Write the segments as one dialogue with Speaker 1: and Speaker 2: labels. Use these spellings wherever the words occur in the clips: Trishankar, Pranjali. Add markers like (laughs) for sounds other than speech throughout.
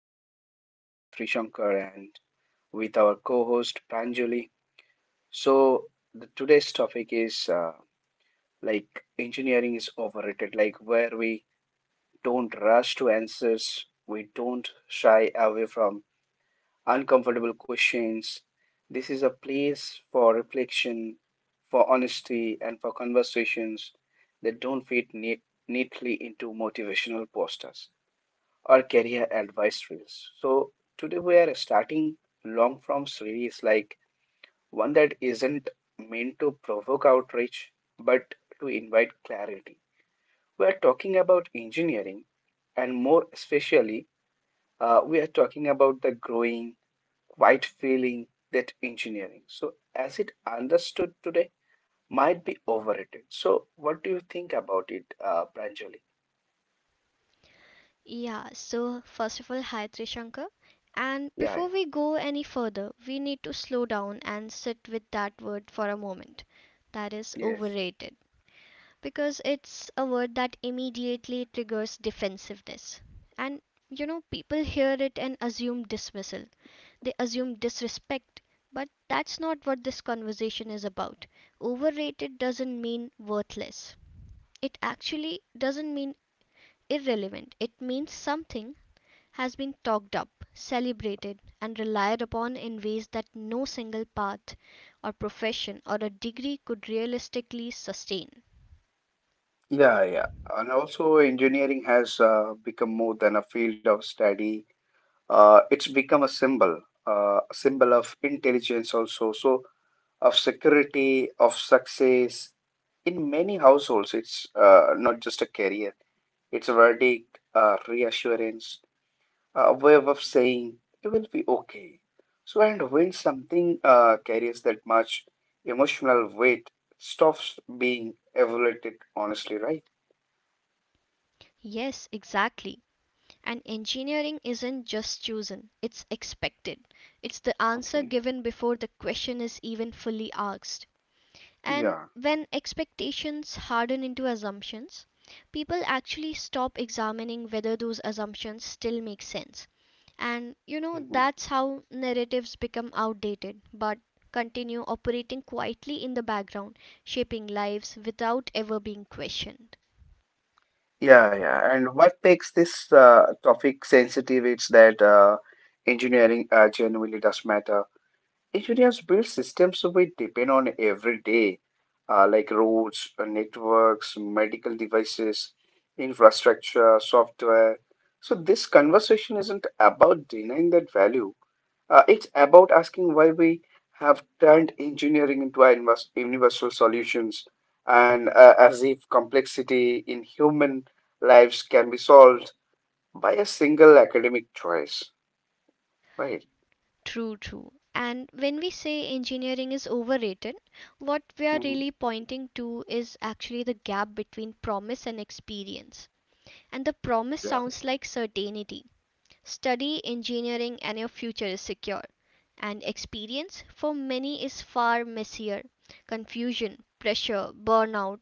Speaker 1: I'm your host, Trishankar, and with our co host, Pranjali. So, today's topic is like engineering is overrated, like where we don't rush to answers, we don't shy away from uncomfortable questions. This is a place for reflection, for honesty, and for conversations that don't fit neatly into motivational posters or career advice series. So today we are starting long form series, like one that isn't meant to provoke outrage but to invite clarity. We are talking about engineering, and more especially we are talking about the growing quiet feeling that engineering, so as it understood today, might be overrated. So what do you think about it, Pranjali?
Speaker 2: Yeah, so first of all, hi Trishankar. And
Speaker 1: Yeah, yeah.
Speaker 2: before we go any further, we need to slow down and sit with that word for a moment. That is
Speaker 1: Yes.
Speaker 2: overrated. Because it's a word that immediately triggers defensiveness. And you know, people hear it and assume dismissal, they assume disrespect. But that's not what this conversation is about. Overrated doesn't mean worthless, it actually doesn't mean irrelevant, it means something has been talked up, celebrated, and relied upon in ways that no single path, or profession, or a degree could realistically sustain.
Speaker 1: Yeah, yeah. And also, engineering has become more than a field of study. It's become a symbol of intelligence, also, so of security, of success. In many households, it's not just a career, it's a verdict, a reassurance, a way of saying, it will be okay. So, and when something carries that much emotional weight, it stops being evaluated honestly, right?
Speaker 2: Yes, exactly. And engineering isn't just chosen, it's expected. It's the answer
Speaker 1: Okay.
Speaker 2: given before the question is even fully asked. And
Speaker 1: Yeah.
Speaker 2: when expectations harden into assumptions, people actually stop examining whether those assumptions still make sense. And you know,
Speaker 1: Mhm.
Speaker 2: that's how narratives become outdated but continue operating quietly in the background, shaping lives without ever being questioned.
Speaker 1: Yeah, yeah. And what makes this topic sensitive is that engineering genuinely does matter. Engineers build systems we depend on every day, like roads, networks, medical devices, infrastructure, software. So this conversation isn't about denying that value. It's about asking why we have turned engineering into our universal solutions, and as if complexity in human lives can be solved by a single academic choice, right?
Speaker 2: True, true. And when we say engineering is overrated, what we are
Speaker 1: Hmm.
Speaker 2: really pointing to is actually the gap between promise and experience. And the promise
Speaker 1: Yeah.
Speaker 2: sounds like certainty. Study engineering and your future is secure. And experience for many is far messier. Confusion, pressure, burnout,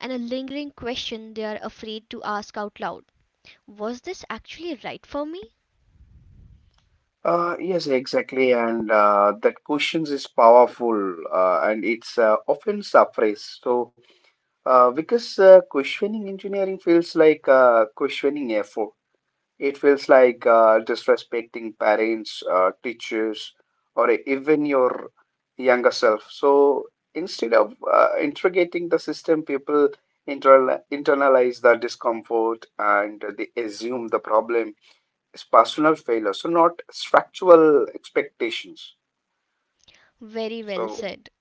Speaker 2: and a lingering question they are afraid to ask out loud. Was this actually right for me?
Speaker 1: Yes, exactly. And that questions is powerful and it's often suppressed. So, because questioning engineering feels like questioning effort. It feels like disrespecting parents, teachers, or even your younger self. So instead of interrogating the system, people internalize the discomfort and they assume the problem is personal failure, so not structural expectations.
Speaker 2: Very well
Speaker 1: So,
Speaker 2: said.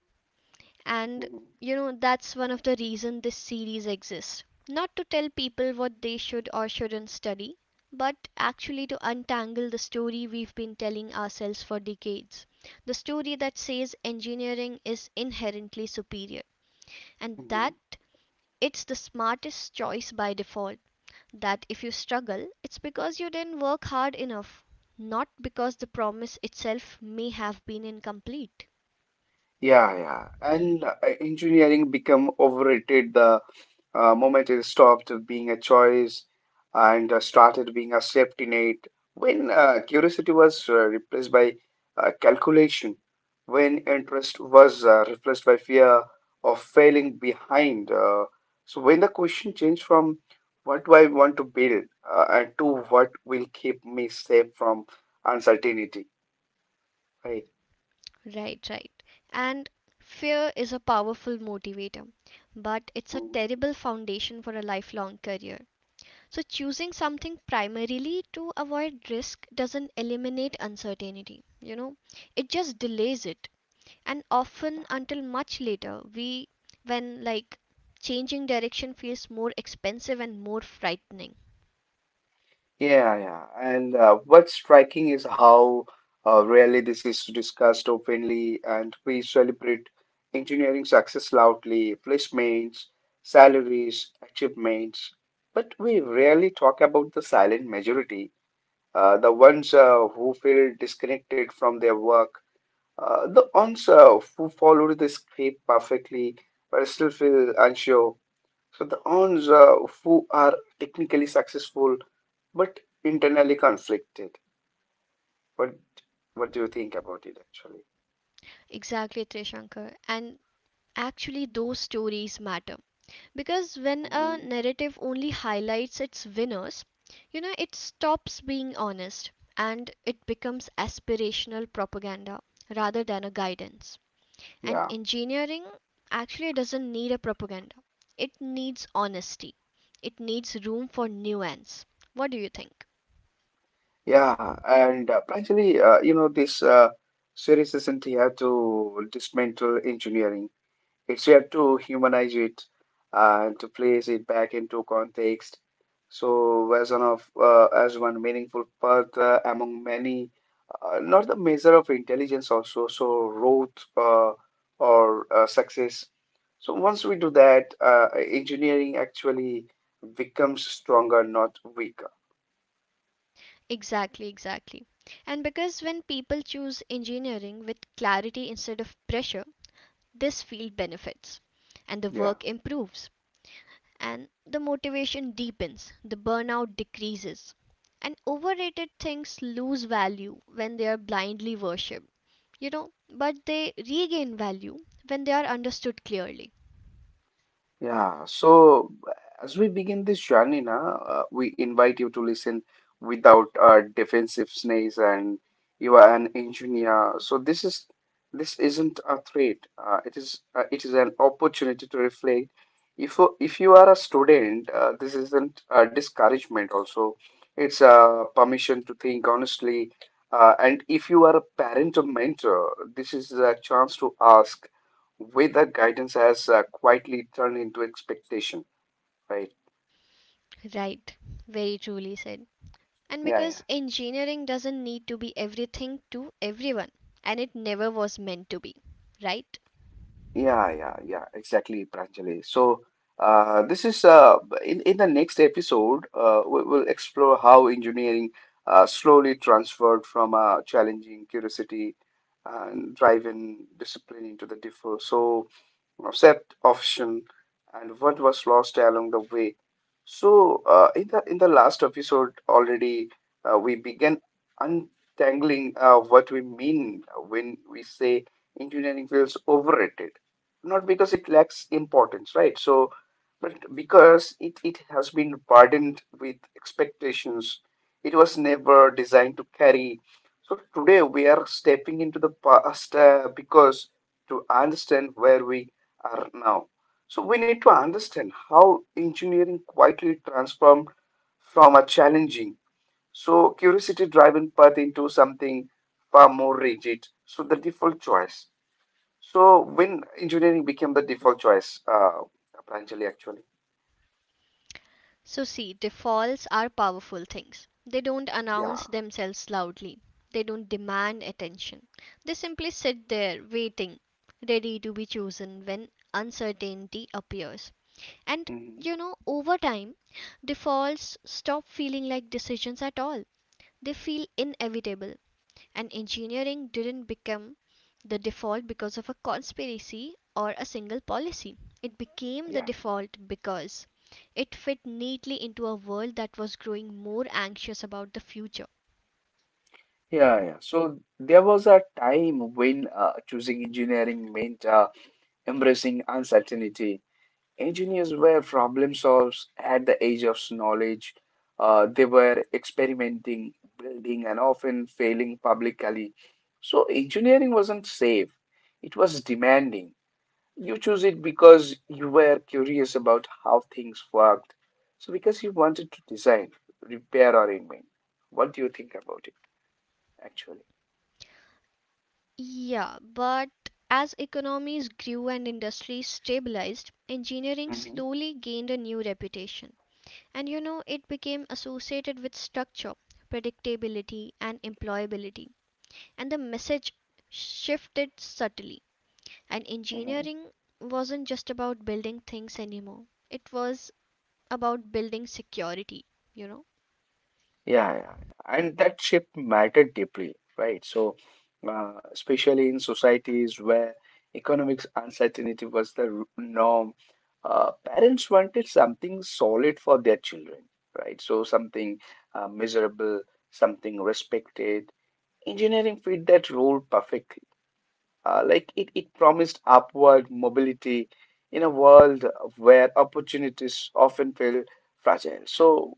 Speaker 2: And you know, that's one of the reason this series exists, not to tell people what they should or shouldn't study, but actually to untangle the story we've been telling ourselves for decades, the story that says engineering is inherently superior and that
Speaker 1: mhm.
Speaker 2: it's the smartest choice by default, that if you struggle it's because you didn't work hard enough, not because the promise itself may have been incomplete.
Speaker 1: Yeah, yeah. And engineering become overrated the moment it stopped being a choice and started being a safety net. When curiosity was replaced by calculation, when interest was replaced by fear of failing behind. So when the question changed from what do I want to build, and to what will keep me safe from uncertainty, right?
Speaker 2: Right, right. And fear is a powerful motivator, but it's a
Speaker 1: Hmm.
Speaker 2: terrible foundation for a lifelong career. So, choosing something primarily to avoid risk doesn't eliminate uncertainty, you know, it just delays it. And often until much later, when like changing direction feels more expensive and more frightening.
Speaker 1: Yeah, yeah. And what's striking is how rarely this is discussed openly, and we celebrate engineering success loudly, placements, salaries, achievements. But we rarely talk about the silent majority, the ones who feel disconnected from their work, the ones who follow the script perfectly but still feel unsure, so the ones who are technically successful but internally conflicted. What what do you think about it actually?
Speaker 2: Exactly, Trishankar. And actually, those stories matter. Because when
Speaker 1: Hmm.
Speaker 2: a narrative only highlights its winners, you know, it stops being honest and it becomes aspirational propaganda rather than a guidance. And
Speaker 1: Yeah,
Speaker 2: engineering actually doesn't need a propaganda, it needs honesty, it needs room for nuance. What do you think?
Speaker 1: yeah, and actually, you know, this series isn't here to dismantle engineering. It's here to humanize it and to place it back into context. So, as one meaningful path among many, not the measure of intelligence also. So, growth or success. So, once we do that, engineering actually becomes stronger, not weaker.
Speaker 2: Exactly, exactly. And because when people choose engineering with clarity instead of pressure, this field benefits and the
Speaker 1: Yeah.
Speaker 2: work improves, and the motivation deepens, the burnout decreases, and overrated things lose value when they are blindly worshipped, you know, but they regain value when they are understood clearly.
Speaker 1: Yeah, so as we begin this journey, na, we invite you to listen without defensiveness, and you are an engineer. So this isn't a threat. It is an opportunity to reflect. If you are a student, this isn't a discouragement. Also, it's a permission to think honestly. And if you are a parent or mentor, this is a chance to ask with the guidance has quietly turned into expectation, right?
Speaker 2: Right, very truly said. And
Speaker 1: Yeah, yeah.
Speaker 2: because engineering doesn't need to be everything to everyone, and it never was meant to be, right?
Speaker 1: Yeah, yeah, yeah, exactly, Pranjali. So, this is in the next episode, we will explore how engineering slowly transferred from a challenging curiosity and driven discipline into the default. So, accept option, and what was lost along the way. So, in the last episode already, we began untangling what we mean when we say engineering feels overrated, not because it lacks importance, right? So, but because it has been burdened with expectations, it was never designed to carry. So, today we are stepping into the past because to understand where we are now. So, we need to understand how engineering quietly transformed from a challenging, so curiosity driven path into something far more rigid. So, the default choice. So when engineering became the default choice, Pranjali actually.
Speaker 2: So see, defaults are powerful things. They don't
Speaker 1: Yeah.
Speaker 2: announce themselves loudly. They don't demand attention. They simply sit there waiting, ready to be chosen when uncertainty appears. And
Speaker 1: Hmm.
Speaker 2: you know, over time, defaults stop feeling like decisions at all. They feel inevitable. And engineering didn't become the default because of a conspiracy or a single policy. It became the
Speaker 1: Yeah,
Speaker 2: default because it fit neatly into a world that was growing more anxious about the future.
Speaker 1: yeah, yeah. So there was a time when choosing engineering meant embracing uncertainty. Engineers were problem solvers at the age of knowledge. They were experimenting, building, and often failing publicly. So engineering wasn't safe. It was demanding. You choose it because you were curious about how things worked. So, because you wanted to design, repair, or invent. What do you think about it, actually?
Speaker 2: Yeah, but as economies grew and industries stabilized, engineering
Speaker 1: Hmm.
Speaker 2: slowly gained a new reputation. And you know, it became associated with structure, predictability, and employability. And the message shifted subtly. And
Speaker 1: Hmm.
Speaker 2: engineering wasn't just about building things anymore, it was about building security, you know.
Speaker 1: Yeah, yeah. And that shift mattered deeply, right? So, especially in societies where economic uncertainty was the norm, parents wanted something solid for their children, right? So, something measurable, something respected, engineering fit that role perfectly. It promised upward mobility in a world where opportunities often feel fragile. So,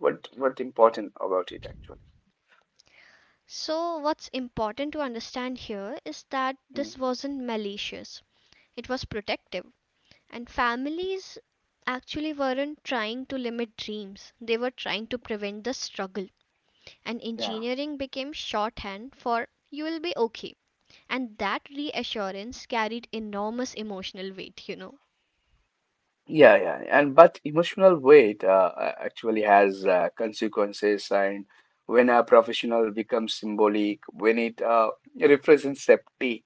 Speaker 1: what important about it actually?
Speaker 2: So, what's important to understand here is that
Speaker 1: Mhm.
Speaker 2: this wasn't malicious, it was protective. And families actually weren't trying to limit dreams, they were trying to prevent the struggle. And
Speaker 1: Yeah.
Speaker 2: engineering became shorthand for you will be okay. And that reassurance carried enormous emotional weight, you know.
Speaker 1: Yeah, yeah, and but emotional weight actually has consequences, and when a professional becomes symbolic, when it represents safety,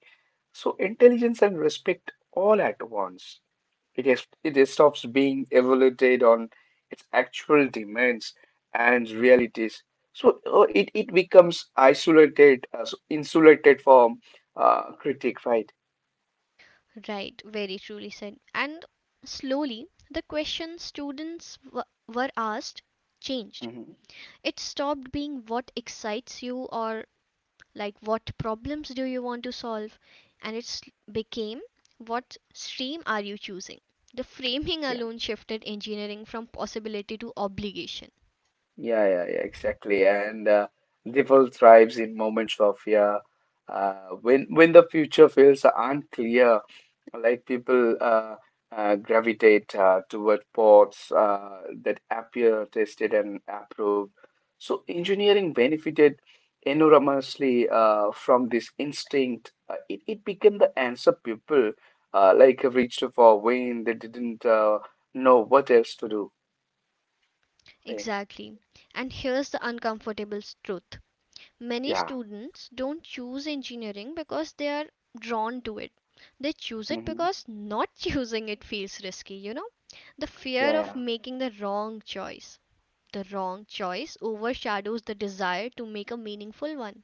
Speaker 1: so intelligence and respect all at once. It stops being evaluated on its actual demands and realities. So it becomes isolated, so insulated from critique, right?
Speaker 2: Right, very truly said. And slowly, the questions students were asked changed.
Speaker 1: Mhm.
Speaker 2: It stopped being what excites you or like what problems do you want to solve, and it became what stream are you choosing. The framing alone shifted engineering from possibility to obligation.
Speaker 1: Yeah, yeah, yeah, exactly. And devil thrives in moments of fear. When the future feels unclear, like people gravitate toward paths that appear tested and approved. So engineering benefited enormously from this instinct. It became the answer people like reached for when they didn't know what else to do. Eh,
Speaker 2: Exactly. And here's the uncomfortable truth. Many
Speaker 1: yeah.
Speaker 2: students don't choose engineering because they are drawn to it. They choose it
Speaker 1: Mhm.
Speaker 2: because not (laughs) choosing it feels risky, you know? The fear
Speaker 1: Yeah,
Speaker 2: of
Speaker 1: yeah.
Speaker 2: making the wrong choice. The wrong choice overshadows the desire to make a meaningful one.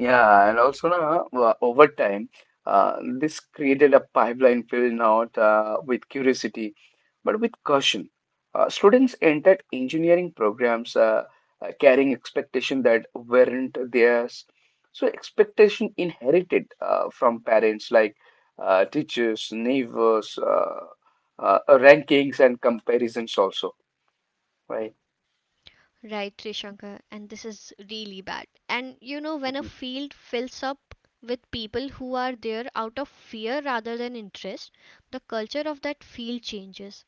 Speaker 1: Yeah, and also now over time, this created a pipeline filled not with curiosity, but with caution. Students entered engineering programs carrying expectations that weren't theirs. So expectation inherited from parents, like teachers, neighbors, rankings, and comparisons also, right?
Speaker 2: Right, Trishankar, and this is really bad. And you know, when a
Speaker 1: Mm-hmm.
Speaker 2: field fills up with people who are there out of fear rather than interest, the culture of that field changes.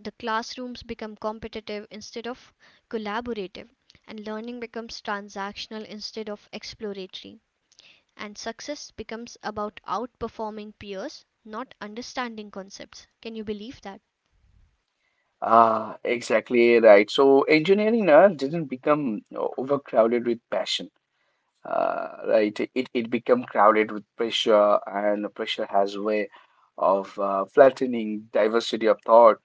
Speaker 2: The classrooms become competitive instead of collaborative, and learning becomes transactional instead of exploratory, and success becomes about outperforming peers, not understanding concepts. Can you believe that?
Speaker 1: Ah, exactly right. So engineering didn't become overcrowded with passion. Right, it become crowded with pressure, and pressure has a way of flattening diversity of thought.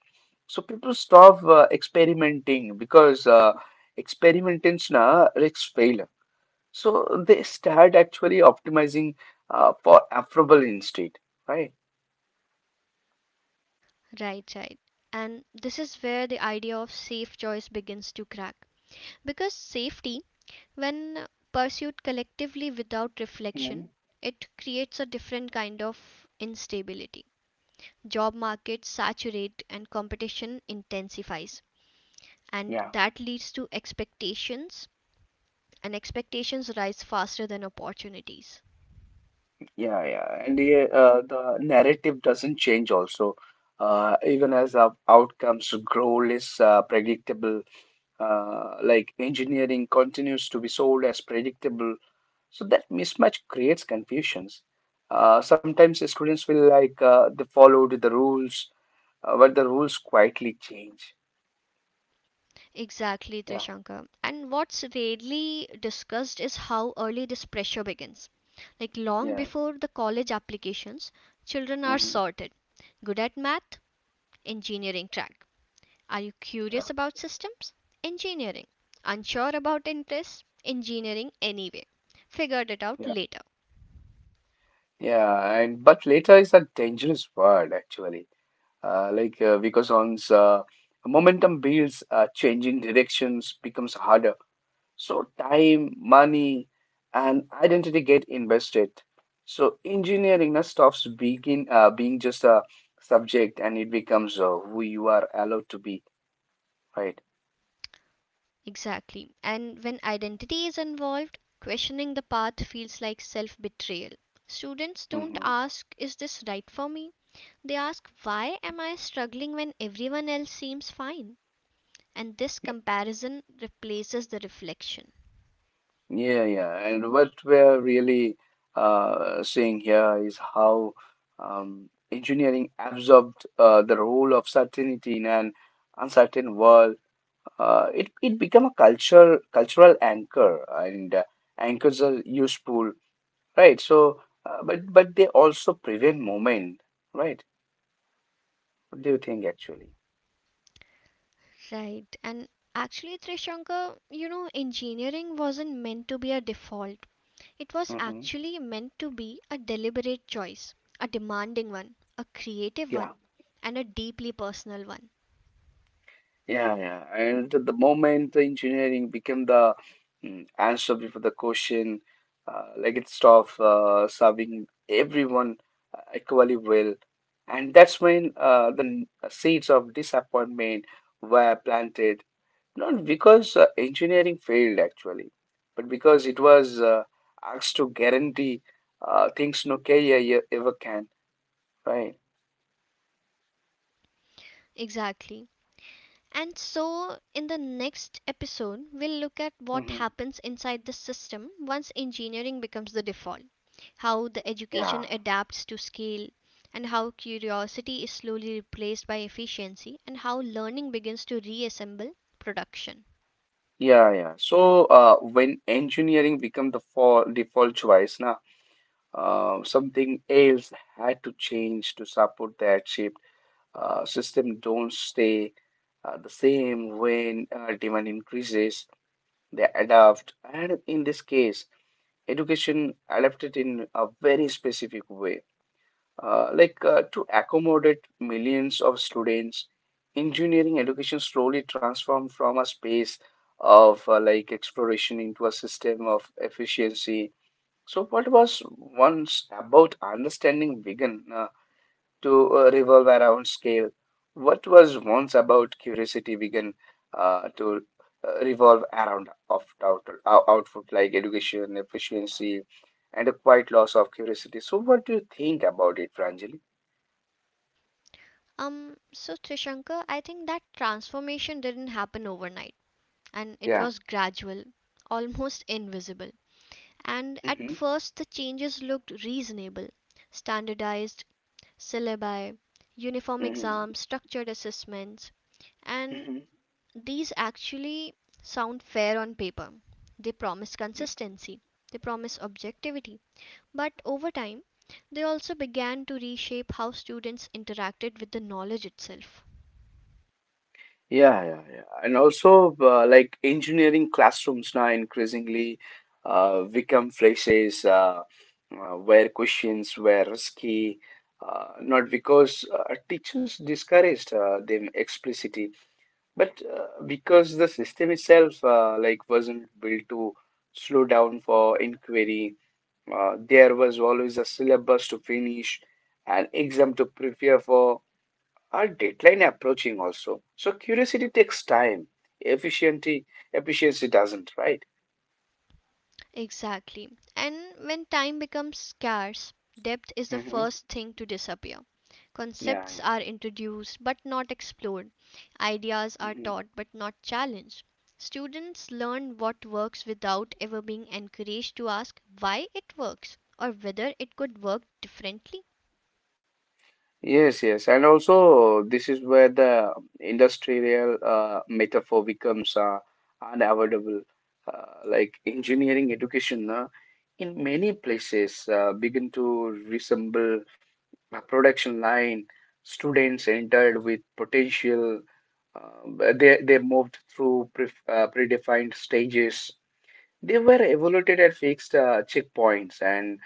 Speaker 1: So people stop experimenting because experimentants na risks failure. So they start actually optimizing for affable instead, right?
Speaker 2: Right, right. And this is where the idea of safe choice begins to crack. Because safety, when pursued collectively without reflection, it creates a different kind of instability. Job markets saturate and competition intensifies, and
Speaker 1: Mhm.
Speaker 2: that leads to expectations, and expectations rise faster than opportunities.
Speaker 1: Yeah, yeah, and the narrative doesn't change also. Even as the outcomes grow less predictable, like engineering continues to be sold as predictable, so that mismatch creates confusions. Sometimes the students feel like they followed the rules, but the rules quietly change.
Speaker 2: Exactly,
Speaker 1: Yeah,
Speaker 2: Trishanka. And what's rarely discussed is how early this pressure begins. Like long
Speaker 1: yeah,
Speaker 2: before the college applications, children are
Speaker 1: hmm,
Speaker 2: sorted. Good at math? Engineering track. Are you curious
Speaker 1: yeah,
Speaker 2: about systems? Engineering. Unsure about interests? Engineering anyway. Figured it out
Speaker 1: yeah.
Speaker 2: later.
Speaker 1: Yeah, and but later is a dangerous word actually. Like Vico Son's momentum builds, changing directions becomes harder. So time, money, and identity get invested. So engineering now stops begin being just a subject, and it becomes who you are allowed to be, right?
Speaker 2: Exactly. And when identity is involved, questioning the path feels like self betrayal. Students don't
Speaker 1: Hmm.
Speaker 2: ask, Is this right for me? They ask, Why am I struggling when everyone else seems fine? And this
Speaker 1: Yeah,
Speaker 2: comparison replaces the reflection.
Speaker 1: yeah, yeah. And what we're really seeing here is how engineering absorbed the role of certainty in an uncertain world. It become a cultural anchor, and anchors are useful, right? So, but they also prevent movement, right? What do you think actually?
Speaker 2: Right. And actually, Trishanka, you know, engineering wasn't meant to be a default, it was
Speaker 1: Hmm.
Speaker 2: actually meant to be a deliberate choice, a demanding one, a creative one,
Speaker 1: Yeah,
Speaker 2: and a deeply personal one.
Speaker 1: yeah, yeah. And the moment the engineering became the answer before the question, like it stopped serving everyone equally well, and that's when the seeds of disappointment were planted. Not because engineering failed actually, but because it was asked to guarantee things no E ever can, right?
Speaker 2: Exactly. And so in the next episode we'll look at what
Speaker 1: Hmm.
Speaker 2: happens inside the system once engineering becomes the default, how the
Speaker 1: Yeah,
Speaker 2: education adapts to scale, and how curiosity is slowly replaced by efficiency, and how learning begins to reassemble production.
Speaker 1: yeah, yeah. So when engineering became the default choice, na, something else had to change to support that shift. System don't stay the same when demand increases. They adapt, and in this case, education adapted in a very specific way. To accommodate millions of students, engineering education slowly transformed from a space of like exploration into a system of efficiency. So what was once about understanding began to revolve around scale. What was once about curiosity began to revolve around of output, like education, efficiency, and a quiet loss of curiosity. So, what do you think about it, Pranjali?
Speaker 2: So Trishankar, I think that transformation didn't happen overnight, and it
Speaker 1: Yeah.
Speaker 2: was gradual, almost invisible. And at
Speaker 1: Mm-hmm.
Speaker 2: first the changes looked reasonable. Standardized syllabi, uniform
Speaker 1: Mm-hmm.
Speaker 2: exams, structured assessments, and these actually sound fair on paper. They promise consistency, they promise objectivity. But over time, they also began to reshape how students interacted with the knowledge itself.
Speaker 1: Yeah, yeah, yeah. And also, like engineering classrooms now increasingly become places where questions were risky, not because teachers discouraged them explicitly, but because the system itself, like, wasn't built to slow down for inquiry. There was always a syllabus to finish, an exam to prepare for, our deadline approaching also, so curiosity takes time. Efficiency, efficiency doesn't, right?
Speaker 2: Exactly. And when time becomes scarce, depth is the
Speaker 1: hmm
Speaker 2: first thing to disappear.
Speaker 1: yeah
Speaker 2: Concepts
Speaker 1: yeah
Speaker 2: are introduced but not explored. Ideas are
Speaker 1: hmm
Speaker 2: taught but not challenged. Students learn what works without ever being encouraged to ask why it works or whether it could work differently.
Speaker 1: Yes, yes, and also this is where the industrial metaphor becomes unavoidable. Like engineering education in many places begin to resemble a production line. Students entered with potential. They moved through predefined stages. They were evaluated at fixed checkpoints, and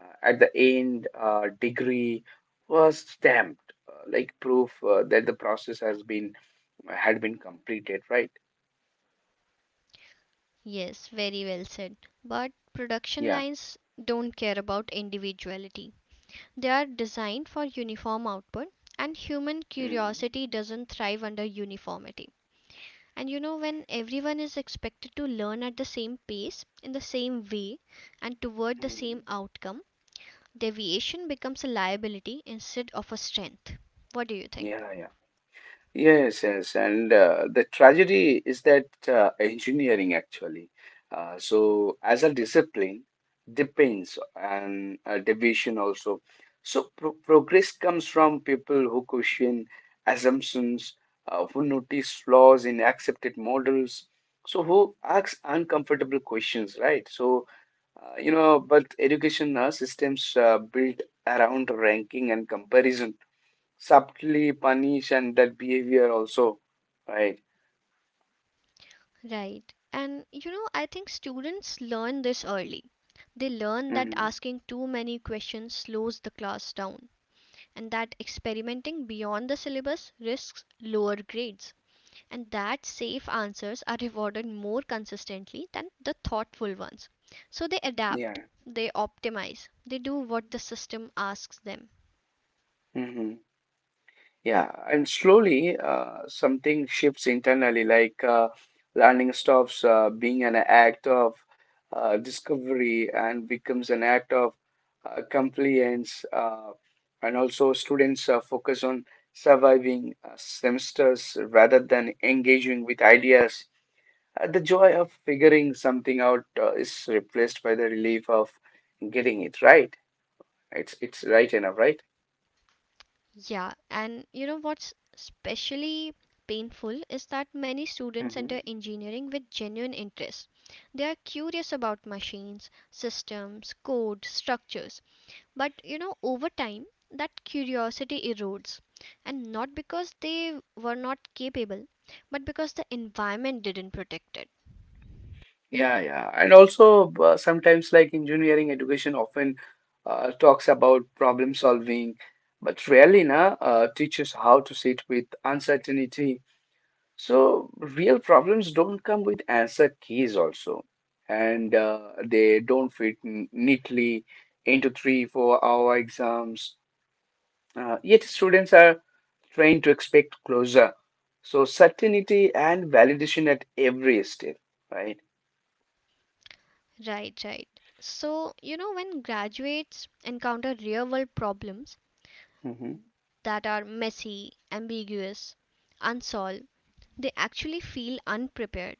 Speaker 1: at the end, degree was stamped like proof that the process has been had been completed, right?
Speaker 2: Yes, very well said. But production
Speaker 1: Yeah.
Speaker 2: lines don't care about individuality. They are designed for uniform output, and human
Speaker 1: Mhm.
Speaker 2: curiosity doesn't thrive under uniformity. And you know, when everyone is expected to learn at the same pace, in the same way, and toward the
Speaker 1: Mhm.
Speaker 2: same outcome, deviation becomes a liability instead of a strength. What do you think?
Speaker 1: Yeah. Yes, yes, and the tragedy is that engineering actually. As a discipline, depends on division also. So, progress comes from people who question assumptions, who notice flaws in accepted models, so who asks uncomfortable questions, right? But education systems built around ranking and comparison subtly punish and that behavior also, right?
Speaker 2: Right. And you know, I think students learn this early. They learn that
Speaker 1: hmm
Speaker 2: asking too many questions slows the class down, and that experimenting beyond the syllabus risks lower grades, and that safe answers are rewarded more consistently than the thoughtful ones. So they
Speaker 1: yeah
Speaker 2: adapt, they optimize, they do what the system asks them.
Speaker 1: hmm yeah, and slowly something shifts internally, like learning stops being an act of discovery and becomes an act of compliance, and also students focus on surviving semesters rather than engaging with ideas. The joy of figuring something out is replaced by the relief of getting it right. It's right enough, right?
Speaker 2: Yeah, and you know what's especially painful is that many students enter
Speaker 1: hmm
Speaker 2: engineering with genuine interest. They are curious about machines, systems, code, structures. But you know, over time, that curiosity erodes. And not because they were not capable, but because the environment didn't protect it.
Speaker 1: Yeah, yeah. And also, sometimes like engineering education often talks about problem solving, but rarely teaches how to sit with uncertainty. So, real problems don't come with answer keys also, and they don't fit neatly into 3, 4 hour exams. Yet students are trained to expect closure. So certainty and validation at every step, right?
Speaker 2: Right, right. So, you know, when graduates encounter real world problems
Speaker 1: hmm
Speaker 2: that are messy, ambiguous, unsolved, they actually feel unprepared.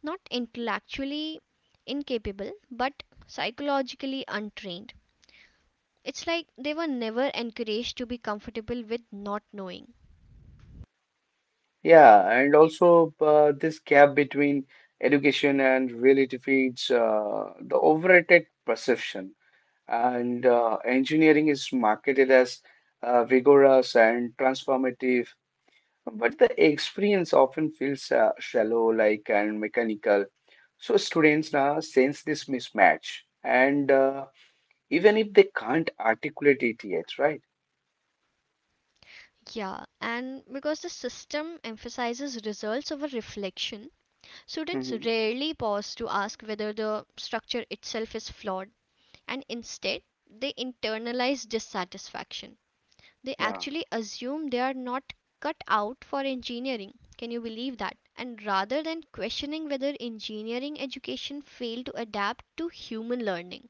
Speaker 2: Not intellectually incapable, but psychologically untrained. It's like they were never encouraged to be comfortable with not knowing.
Speaker 1: Yeah, and also this gap between education and reality feeds the overrated perception. And engineering is marketed as vigorous and transformative, but the experience often feels shallow, like, and mechanical. So students now sense this mismatch, and even if they can't articulate it yet, right?
Speaker 2: Yeah, and because the system emphasizes results over reflection, students
Speaker 1: Mhm.
Speaker 2: rarely pause to ask whether the structure itself is flawed, and instead, they internalize dissatisfaction. They
Speaker 1: Yeah,
Speaker 2: actually assume they are not cut out for engineering. Can you believe that? And rather than questioning whether engineering education failed to adapt to human learning.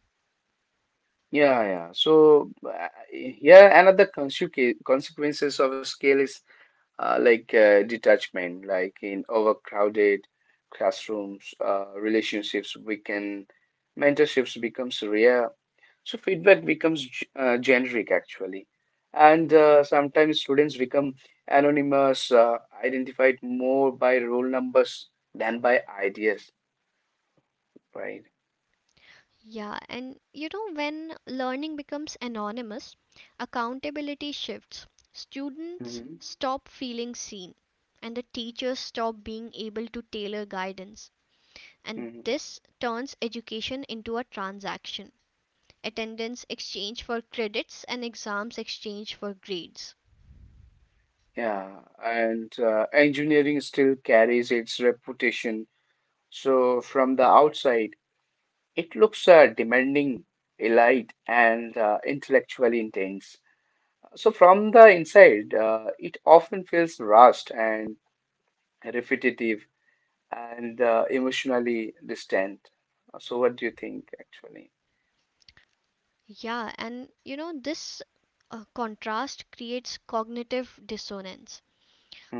Speaker 1: yeah, yeah. So here another consequences of scale is like detachment, like in overcrowded classrooms, relationships weaken, mentorships becomes rare. So feedback becomes generic actually, and sometimes students become anonymous, identified more by roll numbers than by ideas, right?
Speaker 2: Yeah, and you know, when learning becomes anonymous, accountability shifts. Students stop feeling seen, and the teachers stop being able to tailor guidance. And
Speaker 1: Mhm.
Speaker 2: this turns education into a transaction. Attendance exchange for credits and exams exchange for grades.
Speaker 1: Yeah, and engineering still carries its reputation. So from the outside, it looks demanding, elite, and intellectually intense. So from the inside, it often feels rushed and repetitive and emotionally distant. So what do you think, actually?
Speaker 2: Yeah, and you know, this contrast creates cognitive dissonance.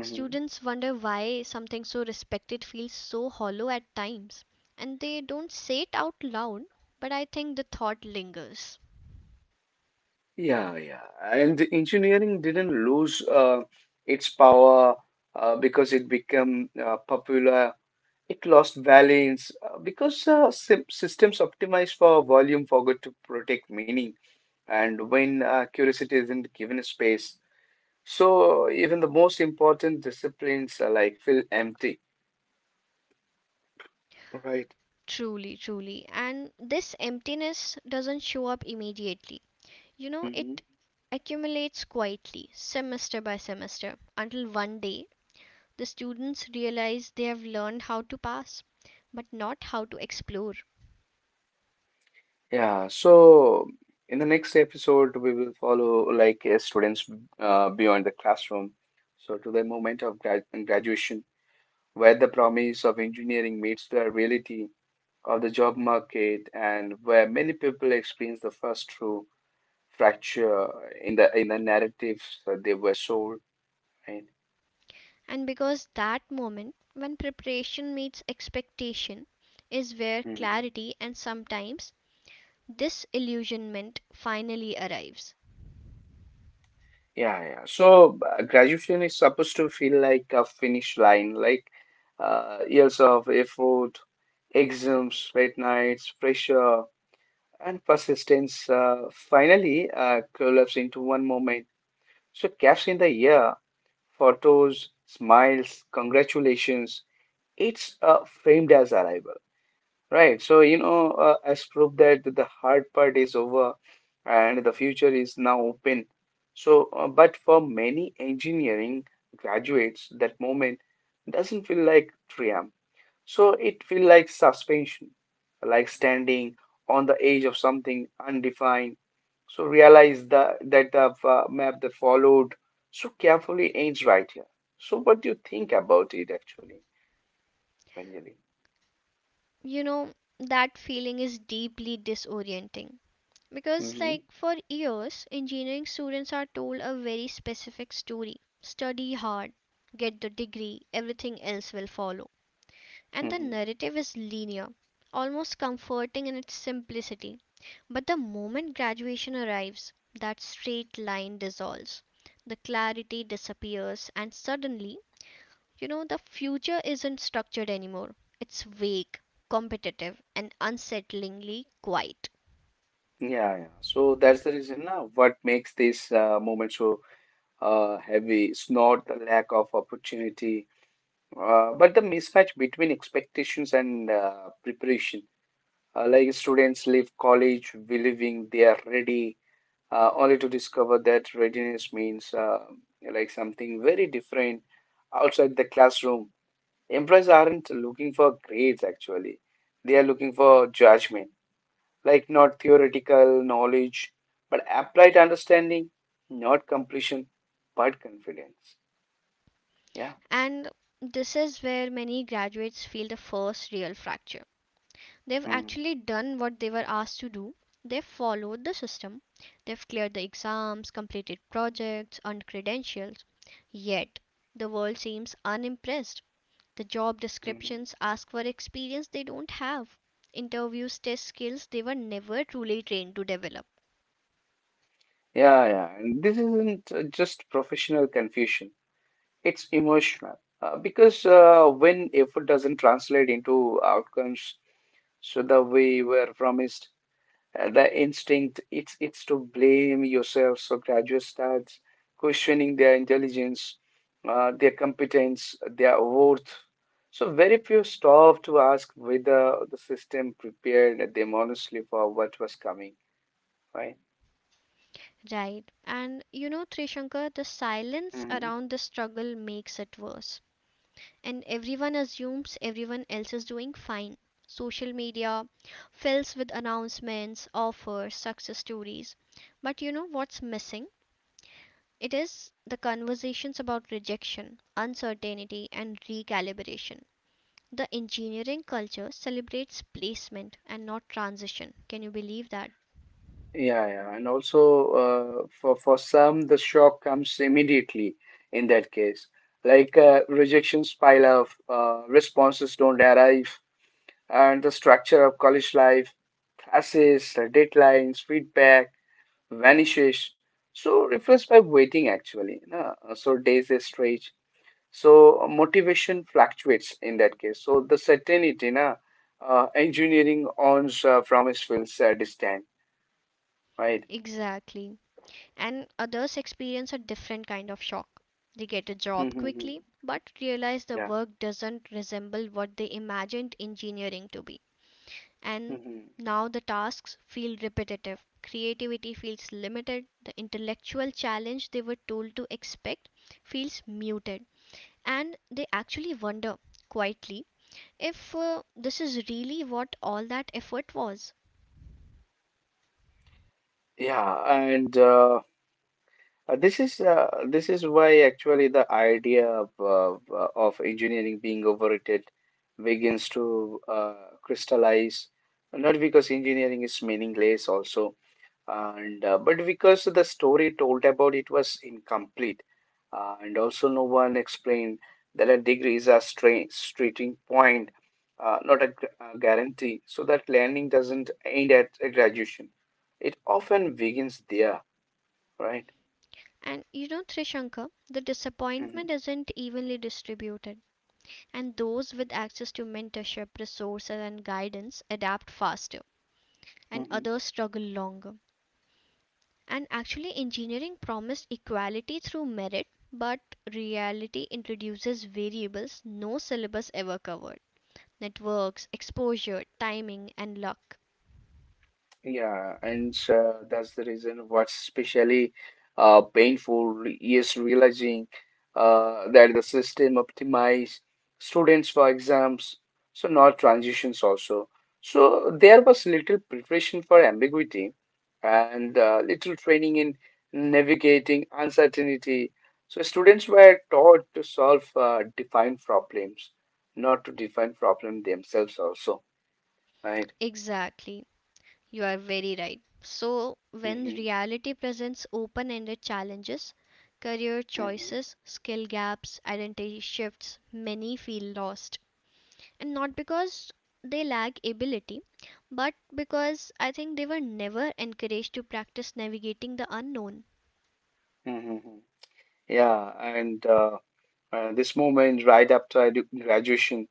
Speaker 1: Mm-hmm.
Speaker 2: Students wonder why something so respected feels so hollow at times, and they don't say it out loud, but I think the thought lingers.
Speaker 1: Yeah, yeah. And the engineering didn't lose its power because it became popular. It lost valence because systems optimized for volume forgot to protect meaning. And when curiosity isn't given space, so even the most important disciplines like feel empty, right?
Speaker 2: Truly, truly. And this emptiness doesn't show up immediately. You know, it accumulates quietly, semester by semester, until one day the students realize they have learned how to pass, but not how to explore.
Speaker 1: Yeah, so in the next episode, we will follow like students beyond the classroom. So to the moment of graduation, where the promise of engineering meets the reality of the job market, and where many people experience the first true fracture in the narratives that they were sold, right?
Speaker 2: And because that moment when preparation meets expectation is where
Speaker 1: Mhm.
Speaker 2: clarity and sometimes disillusionment finally arrives.
Speaker 1: Yeah, yeah. So graduation is supposed to feel like a finish line, like years of effort, exams, late nights, pressure, and persistence finally collapse into one moment. So caps in the year, photos, smiles, congratulations. It's framed as arrival. Right. So, as proof that the hard part is over and the future is now open. But for many engineering graduates, that moment doesn't feel like triumph. So it feels like suspension, like standing on the edge of something undefined. So realize that the map that followed so carefully ends right here. So what do you think about it actually, Ranjali?
Speaker 2: You know, that feeling is deeply disorienting. Because,
Speaker 1: hmm
Speaker 2: like, for years, engineering students are told a very specific story. Study hard, get the degree, everything else will follow. And the narrative is linear, almost comforting in its simplicity. But the moment graduation arrives, that straight line dissolves, the clarity disappears, and suddenly, the future isn't structured anymore. It's vague, competitive, and unsettlingly quiet.
Speaker 1: Yeah, yeah. So that's the reason now. What makes this moment so heavy? It's not the lack of opportunity, but the mismatch between expectations and preparation. Like students leave college believing they are ready, only to discover that readiness means like something very different outside the classroom. Employers aren't looking for grades actually; they are looking for judgment, like not theoretical knowledge, but applied understanding, not completion, but confidence. Yeah.
Speaker 2: And this is where many graduates feel the first real fracture. They've
Speaker 1: Mhm.
Speaker 2: actually done what they were asked to do. They've followed the system. They've cleared the exams, completed projects, earned credentials. Yet, the world seems unimpressed. The job
Speaker 1: Mhm.
Speaker 2: descriptions ask for experience they don't have. Interviews test skills they were never truly trained to develop.
Speaker 1: Yeah, yeah. And this isn't just professional confusion, it's emotional. Because when effort doesn't translate into outcomes, so the way we were promised, the instinct it's to blame yourself, so graduates starts questioning their intelligence, their competence, their worth, so very few stop to ask whether the system prepared them honestly for what was coming, right?
Speaker 2: Right. And you know, Trishankar, the silence around
Speaker 1: Mhm.
Speaker 2: the struggle makes it worse. And everyone assumes everyone else is doing fine. Social media fills with announcements, offers, success stories. But you know what's missing? It is the conversations about rejection, uncertainty, and recalibration. The engineering culture celebrates placement and not transition. Can you believe that?
Speaker 1: Yeah, yeah. And also for some, the shock comes immediately, in that case like rejection, pile of responses don't arrive, and the structure of college life, classes, deadlines, feedback, vanishes. So replaced by waiting actually, no? So days is stretch. So motivation fluctuates in that case. So the certainty, na, engineering owns promise feels distant, right?
Speaker 2: Exactly. And others experience a different kind of shock. They get a job
Speaker 1: Mm-hmm.
Speaker 2: quickly, but realize the
Speaker 1: Yeah.
Speaker 2: work doesn't resemble what they imagined engineering to be. And
Speaker 1: hmm
Speaker 2: now the tasks feel repetitive, creativity feels limited, the intellectual challenge they were told to expect feels muted, and they actually wonder quietly if this is really what all that effort was.
Speaker 1: Yeah, and this is why actually the idea of engineering being overrated begins to crystallize, not because engineering is meaningless also, and but because the story told about it was incomplete, and also no one explained that a degree is a starting point, not a guarantee, so that learning doesn't end at a graduation. It often begins there, right?
Speaker 2: And you know, Trishankar, the disappointment
Speaker 1: Mm-hmm.
Speaker 2: isn't evenly distributed. And those with access to mentorship, resources, and guidance adapt faster, and
Speaker 1: Mhm.
Speaker 2: others struggle longer. And actually, engineering promised equality through merit, but reality introduces variables no syllabus ever covered networks, exposure, timing, and luck.
Speaker 1: Yeah, and that's the reason what's especially painful is realizing that the system optimized students for exams, so not transitions also. So there was little preparation for ambiguity and little training in navigating uncertainty. So students were taught to solve defined problems, not to define problem themselves also, right?
Speaker 2: Exactly, you are very right. So, when
Speaker 1: hmm
Speaker 2: reality presents open ended challenges, career
Speaker 1: hmm
Speaker 2: choices, skill gaps, identity shifts, many feel lost. And not because they lack ability, but because I think they were never encouraged to practice navigating the unknown,
Speaker 1: Mm-hmm. Yeah, and this moment right after graduation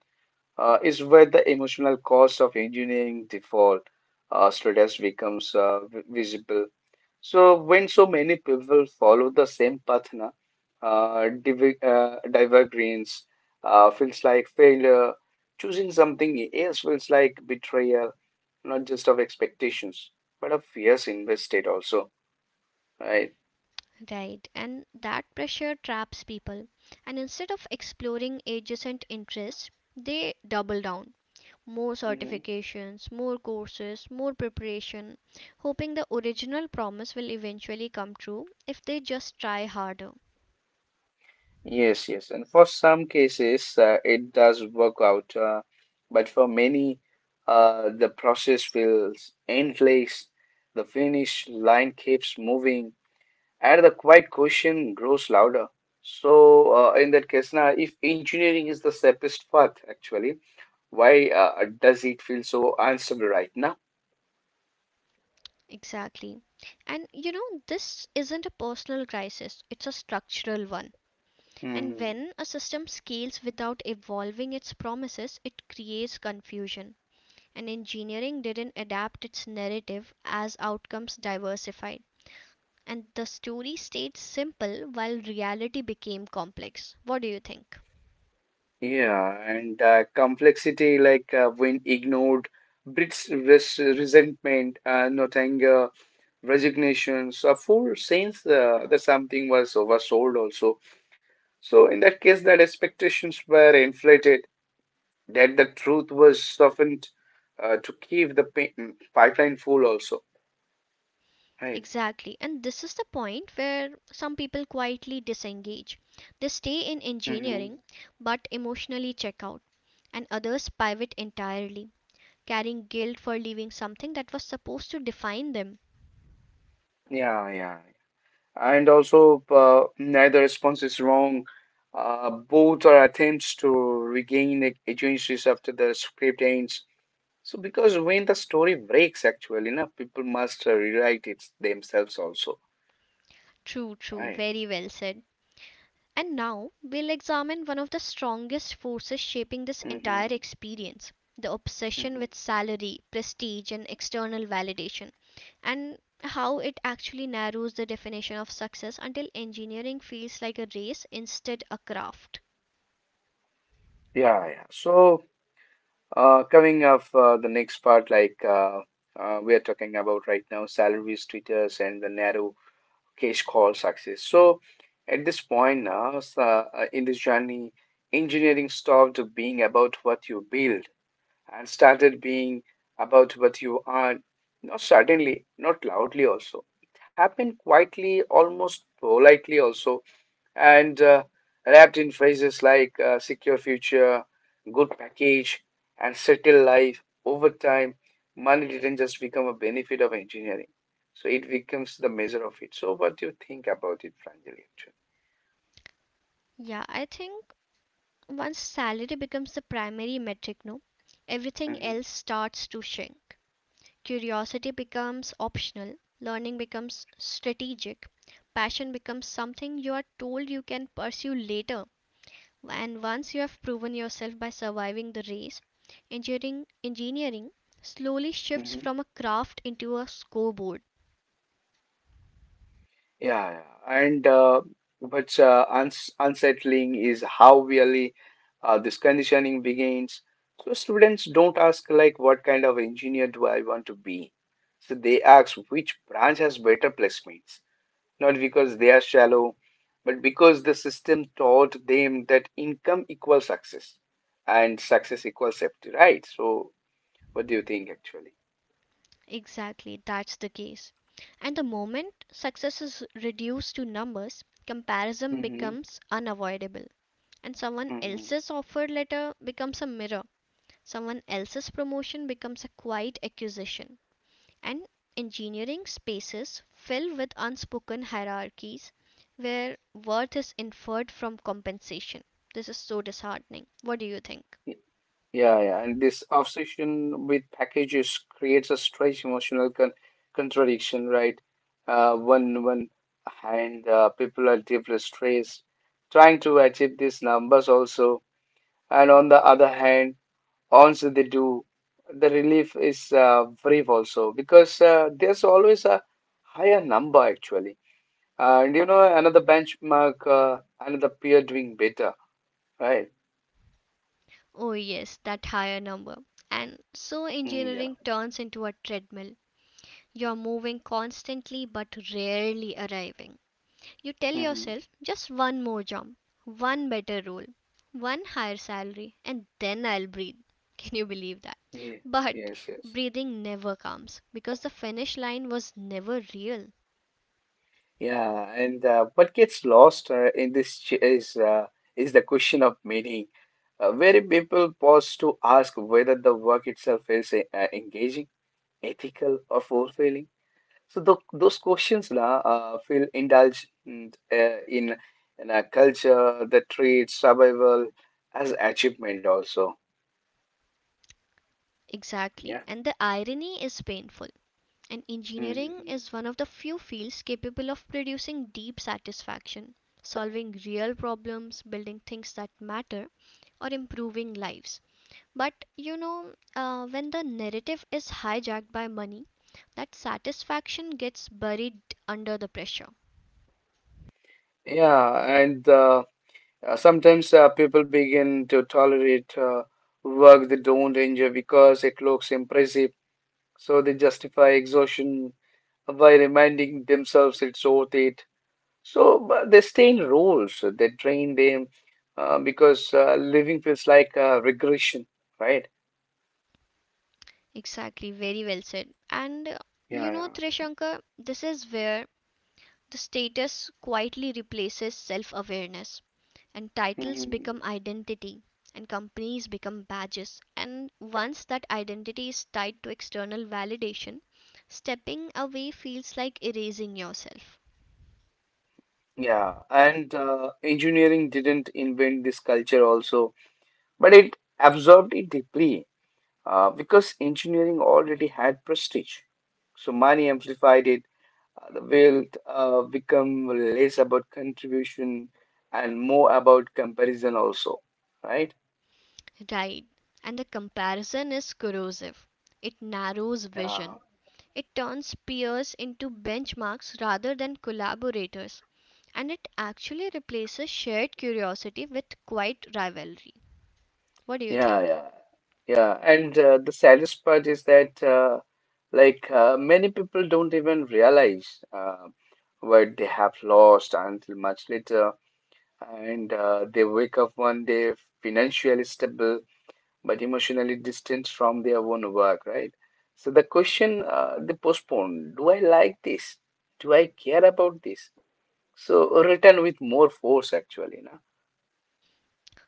Speaker 1: is where the emotional cost of engineering default status becomes visible. So when so many people follow the same path, na, divergence feels like failure. Choosing something else feels like betrayal, not just of expectations, but of fears invested also, right?
Speaker 2: right? And that pressure traps people, and instead of exploring adjacent interests, they double down, more
Speaker 1: Mm-hmm.
Speaker 2: certifications, more courses, more preparation, hoping the original promise will eventually come true if they just try harder.
Speaker 1: Yes, yes. And for some cases, it does work out. But for many, the process feels endless. The finish line keeps moving, and the quiet question grows louder. So, in that case, now, if engineering is the safest path, actually, why does it feel so unstable right now?
Speaker 2: Exactly. And you know, this isn't a personal crisis, it's a structural one. And
Speaker 1: Hmm.
Speaker 2: when a system scales without evolving its promises, it creates confusion. And engineering didn't adapt its narrative as outcomes diversified. And the story stayed simple while reality became complex. What do you think?
Speaker 1: Yeah, and complexity, like when ignored, breeds resentment, not anger, resignation. So, a full sense that something was oversold, also. So, in that case, that expectations were inflated, that the truth was softened to keep the pipeline full, also. Right.
Speaker 2: Exactly. And this is the point where some people quietly disengage. They stay in
Speaker 1: Mm-hmm.
Speaker 2: engineering but emotionally check out, and others pivot entirely, carrying guilt for leaving something that was supposed to define them.
Speaker 1: Yeah, yeah. And also neither response is wrong. Both are attempts to regain agencies after the script ends. So, because when the story breaks, actually, you know, people must rewrite it themselves also,
Speaker 2: True, true,
Speaker 1: right?
Speaker 2: very well said. And now we'll examine one of the strongest forces shaping this
Speaker 1: hmm
Speaker 2: entire experience, the obsession
Speaker 1: hmm
Speaker 2: with salary, prestige, and external validation, and how it actually narrows the definition of success until engineering feels like a race instead a craft.
Speaker 1: Yeah, yeah. So, coming up the next part, like we are talking about right now, salary status and the narrow case called success. So at this point now, in this journey, engineering stopped being about what you build and started being about what you earn. Not suddenly, not loudly also. It happened quietly, almost politely also, and wrapped in phrases like secure future, good package, and settle life over time, money didn't just become a benefit of engineering. So it becomes the measure of it. So what do you think about it, Pranjali?
Speaker 2: Yeah, I think once salary becomes the primary metric, no, everything
Speaker 1: Actually,
Speaker 2: else starts to shrink. Curiosity becomes optional, learning becomes strategic, passion becomes something you are told you can pursue later. And once you have proven yourself by surviving the race, engineering slowly shifts
Speaker 1: hmm
Speaker 2: from a craft into a scoreboard.
Speaker 1: yeah, yeah. And what's unsettling is how really this conditioning begins. So students don't ask like, what kind of engineer do I want to be? So they ask which branch has better placements, not because they are shallow, but because the system taught them that income equals success and success equals safety, right? So what do you think actually?
Speaker 2: Exactly, that's the case. And the moment success is reduced to numbers, comparison
Speaker 1: Mm-hmm.
Speaker 2: becomes unavoidable, and someone
Speaker 1: Mm-hmm.
Speaker 2: else's offer letter becomes a mirror. Someone else's promotion becomes a quiet accusation, and engineering spaces fill with unspoken hierarchies where worth is inferred from compensation. This is so disheartening. What do you think?
Speaker 1: Yeah, yeah, and this obsession with packages creates a strange emotional contradiction, right? One hand, people are deeply stressed, trying to achieve these numbers also, and on the other hand, once they do, the relief is brief also, because there's always a higher number actually, and you know another benchmark, another peer doing better, right?
Speaker 2: Oh, yes, that higher number. And so
Speaker 1: Mm, yeah.
Speaker 2: engineering turns into a treadmill. You're moving constantly but rarely arriving. You tell
Speaker 1: hmm
Speaker 2: yourself, just one more jump, one better role, one higher salary, and then I'll breathe. (laughs) Can you believe that?
Speaker 1: Yeah.
Speaker 2: But
Speaker 1: Yes. Yes.
Speaker 2: breathing never comes because the finish line was never real.
Speaker 1: Yeah, and what gets lost in this is the question of meaning. Very people pause to ask whether the work itself is engaging, ethical, or fulfilling. So those questions feel indulged in a culture that treats survival as achievement also.
Speaker 2: Exactly.
Speaker 1: Yeah.
Speaker 2: And the irony is painful. And engineering
Speaker 1: Mhm.
Speaker 2: is one of the few fields capable of producing deep satisfaction, solving real problems, building things that matter, or improving lives. But you know, when the narrative is hijacked by money, that satisfaction gets buried under the pressure.
Speaker 1: Yeah, and sometimes people begin to tolerate work they don't enjoy because it looks impressive, so they justify exhaustion by reminding themselves it's worth it. So but they stay in roles that drain them because living feels like regression, right?
Speaker 2: Exactly, very well said. And you
Speaker 1: Yeah,
Speaker 2: know,
Speaker 1: yeah.
Speaker 2: Trishankar, this is where the status quietly replaces self awareness, and titles
Speaker 1: Mhm.
Speaker 2: become identity, and companies become badges. And once that identity is tied to external validation, stepping away feels like erasing yourself.
Speaker 1: Yeah, and engineering didn't invent this culture also, but it absorbed it deeply because engineering already had prestige. So money amplified it. The wealth become less about contribution and more about comparison also, right?
Speaker 2: Right. And the comparison is corrosive. It narrows
Speaker 1: Yeah,
Speaker 2: vision. It turns peers into benchmarks rather than collaborators. And it actually replaces shared curiosity with quiet rivalry. What do you
Speaker 1: yeah,
Speaker 2: think?
Speaker 1: yeah, yeah. And the saddest part is that many people don't even realize what they have lost until much later, and they wake up one day financially stable but emotionally distant from their own work, right? So the question they postpone: Do I like this? Do I care about this? So written with more force, actually, no?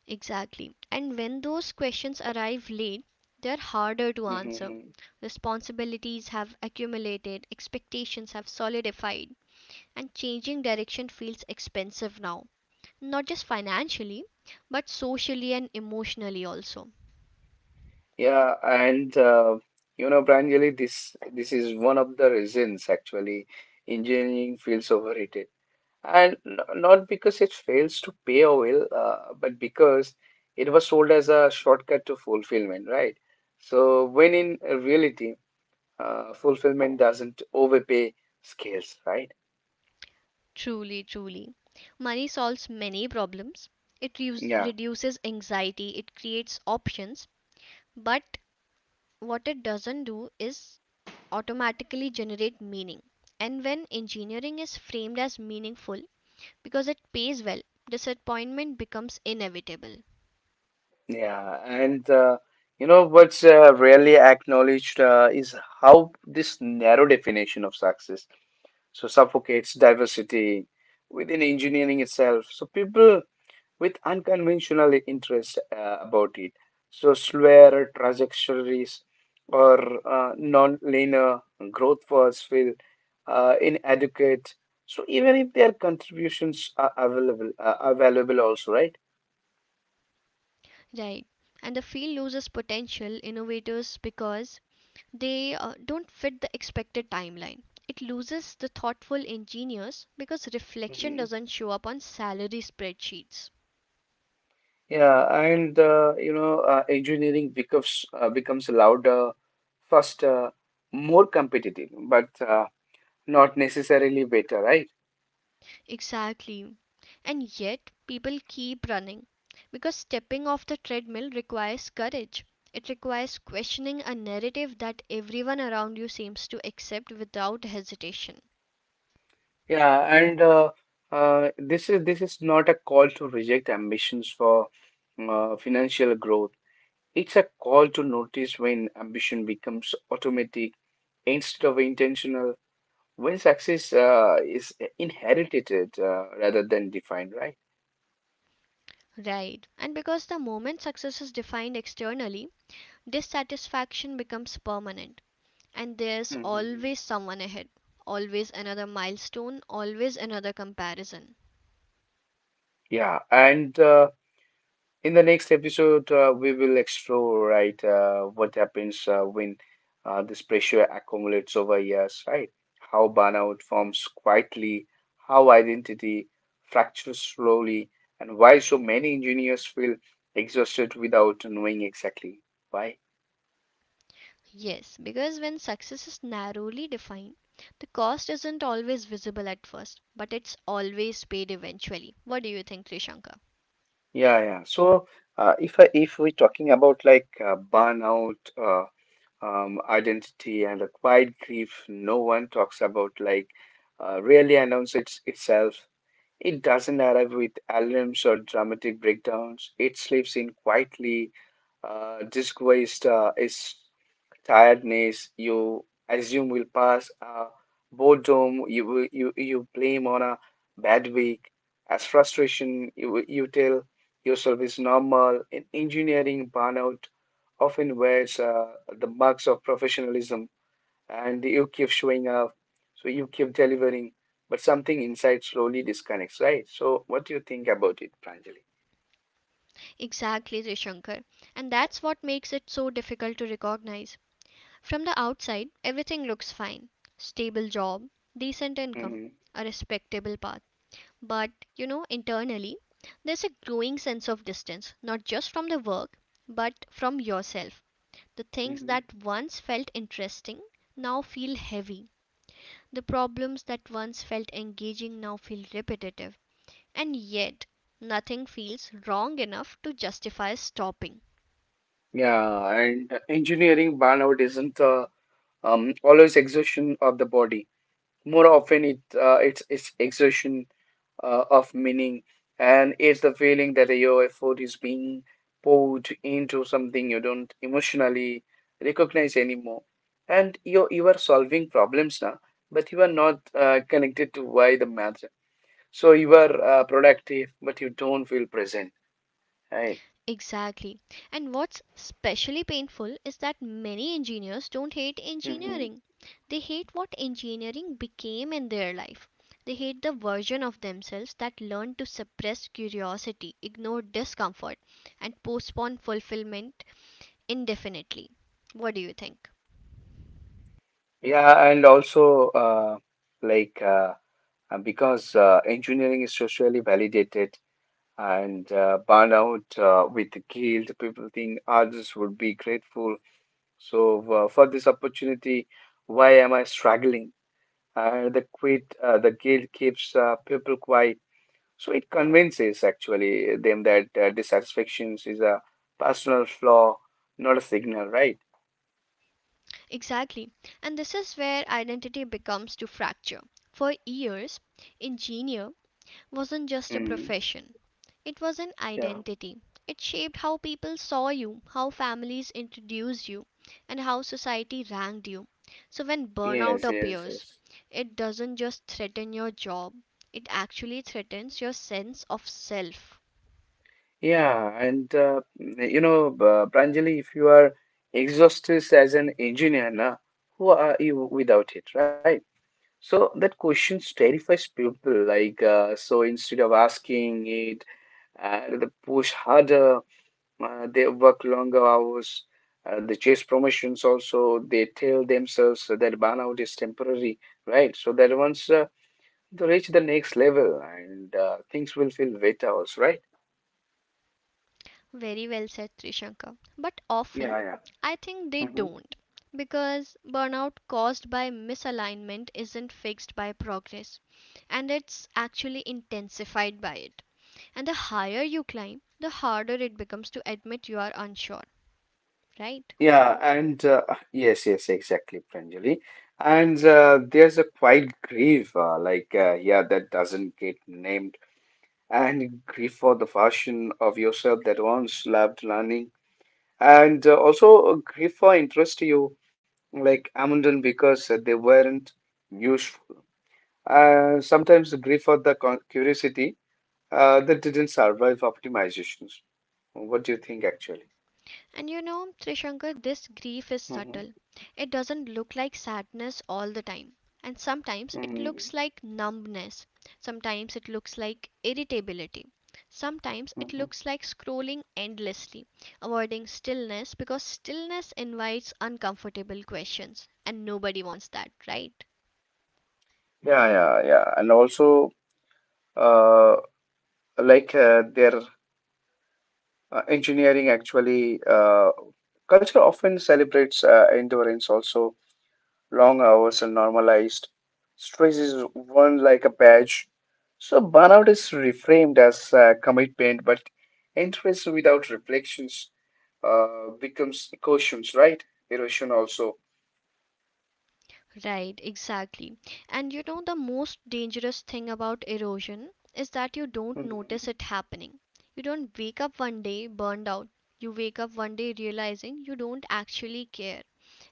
Speaker 2: Exactly. And when those questions arrive late, they're harder to answer.
Speaker 1: Hmm.
Speaker 2: Responsibilities have accumulated, expectations have solidified, and changing direction feels expensive now, not just financially, but socially and emotionally also.
Speaker 1: Yeah, and you know, Pranjali, this is one of the reasons actually engineering feels overrated, and not because it fails to pay a well, but because it was sold as a shortcut to fulfillment, right? So when in reality fulfillment doesn't overpay scales, right?
Speaker 2: Truly, truly. Money solves many problems. It
Speaker 1: Yeah,
Speaker 2: reduces anxiety, it creates options, but what it doesn't do is automatically generate meaning. And when engineering is framed as meaningful because it pays well, disappointment becomes inevitable.
Speaker 1: yeah, and you know what's rarely acknowledged is how this narrow definition of success so suffocates diversity within engineering itself. So people with unconventional interest about it. So, slower trajectories or non-linear growth paths feel inadequate. So, even if their contributions are available, available also, right?
Speaker 2: Right. And the field loses potential innovators because they don't fit the expected timeline. It loses the thoughtful engineers because reflection
Speaker 1: Hmm.
Speaker 2: doesn't show up on salary spreadsheets.
Speaker 1: Yeah, and engineering becomes louder, faster, more competitive, but not necessarily better, right?
Speaker 2: Exactly. And yet, people keep running because stepping off the treadmill requires courage. It requires questioning a narrative that everyone around you seems to accept without hesitation.
Speaker 1: Yeah, and this is not a call to reject ambitions for financial growth. It's a call to notice when ambition becomes automatic instead of intentional, when success is inherited rather than defined, right?
Speaker 2: Right. And because the moment success is defined externally, dissatisfaction becomes permanent. And there's
Speaker 1: Mhm.
Speaker 2: always someone ahead, always another milestone, always another comparison.
Speaker 1: Yeah, and in the next episode, we will explore right what happens when this pressure accumulates over years, right? How burnout forms quietly, how identity fractures slowly, and why so many engineers feel exhausted without knowing exactly why.
Speaker 2: Yes, because when success is narrowly defined, the cost isn't always visible at first, but it's always paid eventually. What do you think, Trishankar?
Speaker 1: Yeah, yeah. So if we're talking about burnout, identity, and a quiet grief, no one talks about really announce itself. It doesn't arrive with alarms or dramatic breakdowns. It sleeps in quietly, disguised as tiredness you assume will pass, boredom you blame on a bad week, as frustration you tell yourself is normal. In engineering, burnout often wears the marks of professionalism and you keep showing up, so you keep delivering, but something inside slowly disconnects, right? So, what do you think about it, Pranjali?
Speaker 2: Exactly, Trishankar. And that's what makes it so difficult to recognize. From the outside, everything looks fine, stable job, decent income,
Speaker 1: Mhm,
Speaker 2: a respectable path. But, you know, internally, there's a growing sense of distance, not just from the work, but from yourself. The things
Speaker 1: mhm.
Speaker 2: that once felt interesting now feel heavy. The problems that once felt engaging now feel repetitive. And yet, nothing feels wrong enough to justify stopping.
Speaker 1: Yeah, and engineering burnout isn't always exhaustion of the body. More often, it's exertion of meaning, and it's the feeling that your effort is being poured into something you don't emotionally recognize anymore. And you are solving problems now, but you are not connected to why the matter. So you are productive, but you don't feel present, right?
Speaker 2: Exactly. And what's especially painful is that many engineers don't hate
Speaker 1: Hmm.
Speaker 2: engineering. They hate what engineering became in their life. They hate the version of themselves that learned to suppress curiosity, ignore discomfort, and postpone fulfillment indefinitely. What do you think?
Speaker 1: Yeah, and also like. Uh, because engineering is socially validated and burn out with guilt. People think others would be grateful. So for this opportunity, why am I struggling? The the guilt keeps people quiet. So it convinces actually them that dissatisfaction is a personal flaw, not a signal, right?
Speaker 2: Exactly. And this is where identity becomes to fracture. For years, engineer wasn't just a
Speaker 1: Mm,
Speaker 2: profession. It was an
Speaker 1: yeah.
Speaker 2: identity. It shaped how people saw you, how families introduced you, and how society ranked you. So when burnout
Speaker 1: Yes. Yes.
Speaker 2: appears,
Speaker 1: Yes.
Speaker 2: it doesn't just threaten your job, it actually threatens your sense of self.
Speaker 1: Yeah, and you know, Pranjali, if you are exhausted as an engineer, na, who are you without it, right? So that question terrifies people. So instead of asking it, they push harder, they work longer hours, they chase promotions also. They tell themselves that burnout is temporary, right? So that once they reach the next level and things will feel better also, right?
Speaker 2: Very well said, Trishankar. But often,
Speaker 1: Yeah, yeah.
Speaker 2: I think they don't, because burnout caused by misalignment isn't fixed by progress, and it's actually intensified by it. And the higher you climb, the harder it becomes to admit you are unsure, right?
Speaker 1: Yeah, and yes, yes, exactly, Pranjali. And there's a quiet grief, yeah, that doesn't get named, and grief for the version of yourself that once loved learning, and also a grief for interest you, like abandoned because they weren't useful. Sometimes the grief for the con curiosity that didn't survive optimizations. What do you think, actually?
Speaker 2: And you know, Trishankar, this grief is subtle. It doesn't look like sadness all the time. And sometimes it looks
Speaker 1: Hmm.
Speaker 2: like numbness. Sometimes it looks like irritability. Sometimes it
Speaker 1: Hmm.
Speaker 2: looks like scrolling endlessly, avoiding stillness because stillness invites uncomfortable questions. And nobody wants that, right?
Speaker 1: Yeah, yeah, yeah. And also, uh, like their engineering actually, culture often celebrates endurance also. Long hours are normalized. Stress is worn like a badge. So burnout is reframed as commitment, but interest without reflections becomes cautions, right? Erosion also.
Speaker 2: Right, exactly. And you know, the most dangerous thing about erosion is that you don't notice
Speaker 1: Mhm.
Speaker 2: it happening. You don't wake up one day burned out. You wake up one day realizing you don't actually care.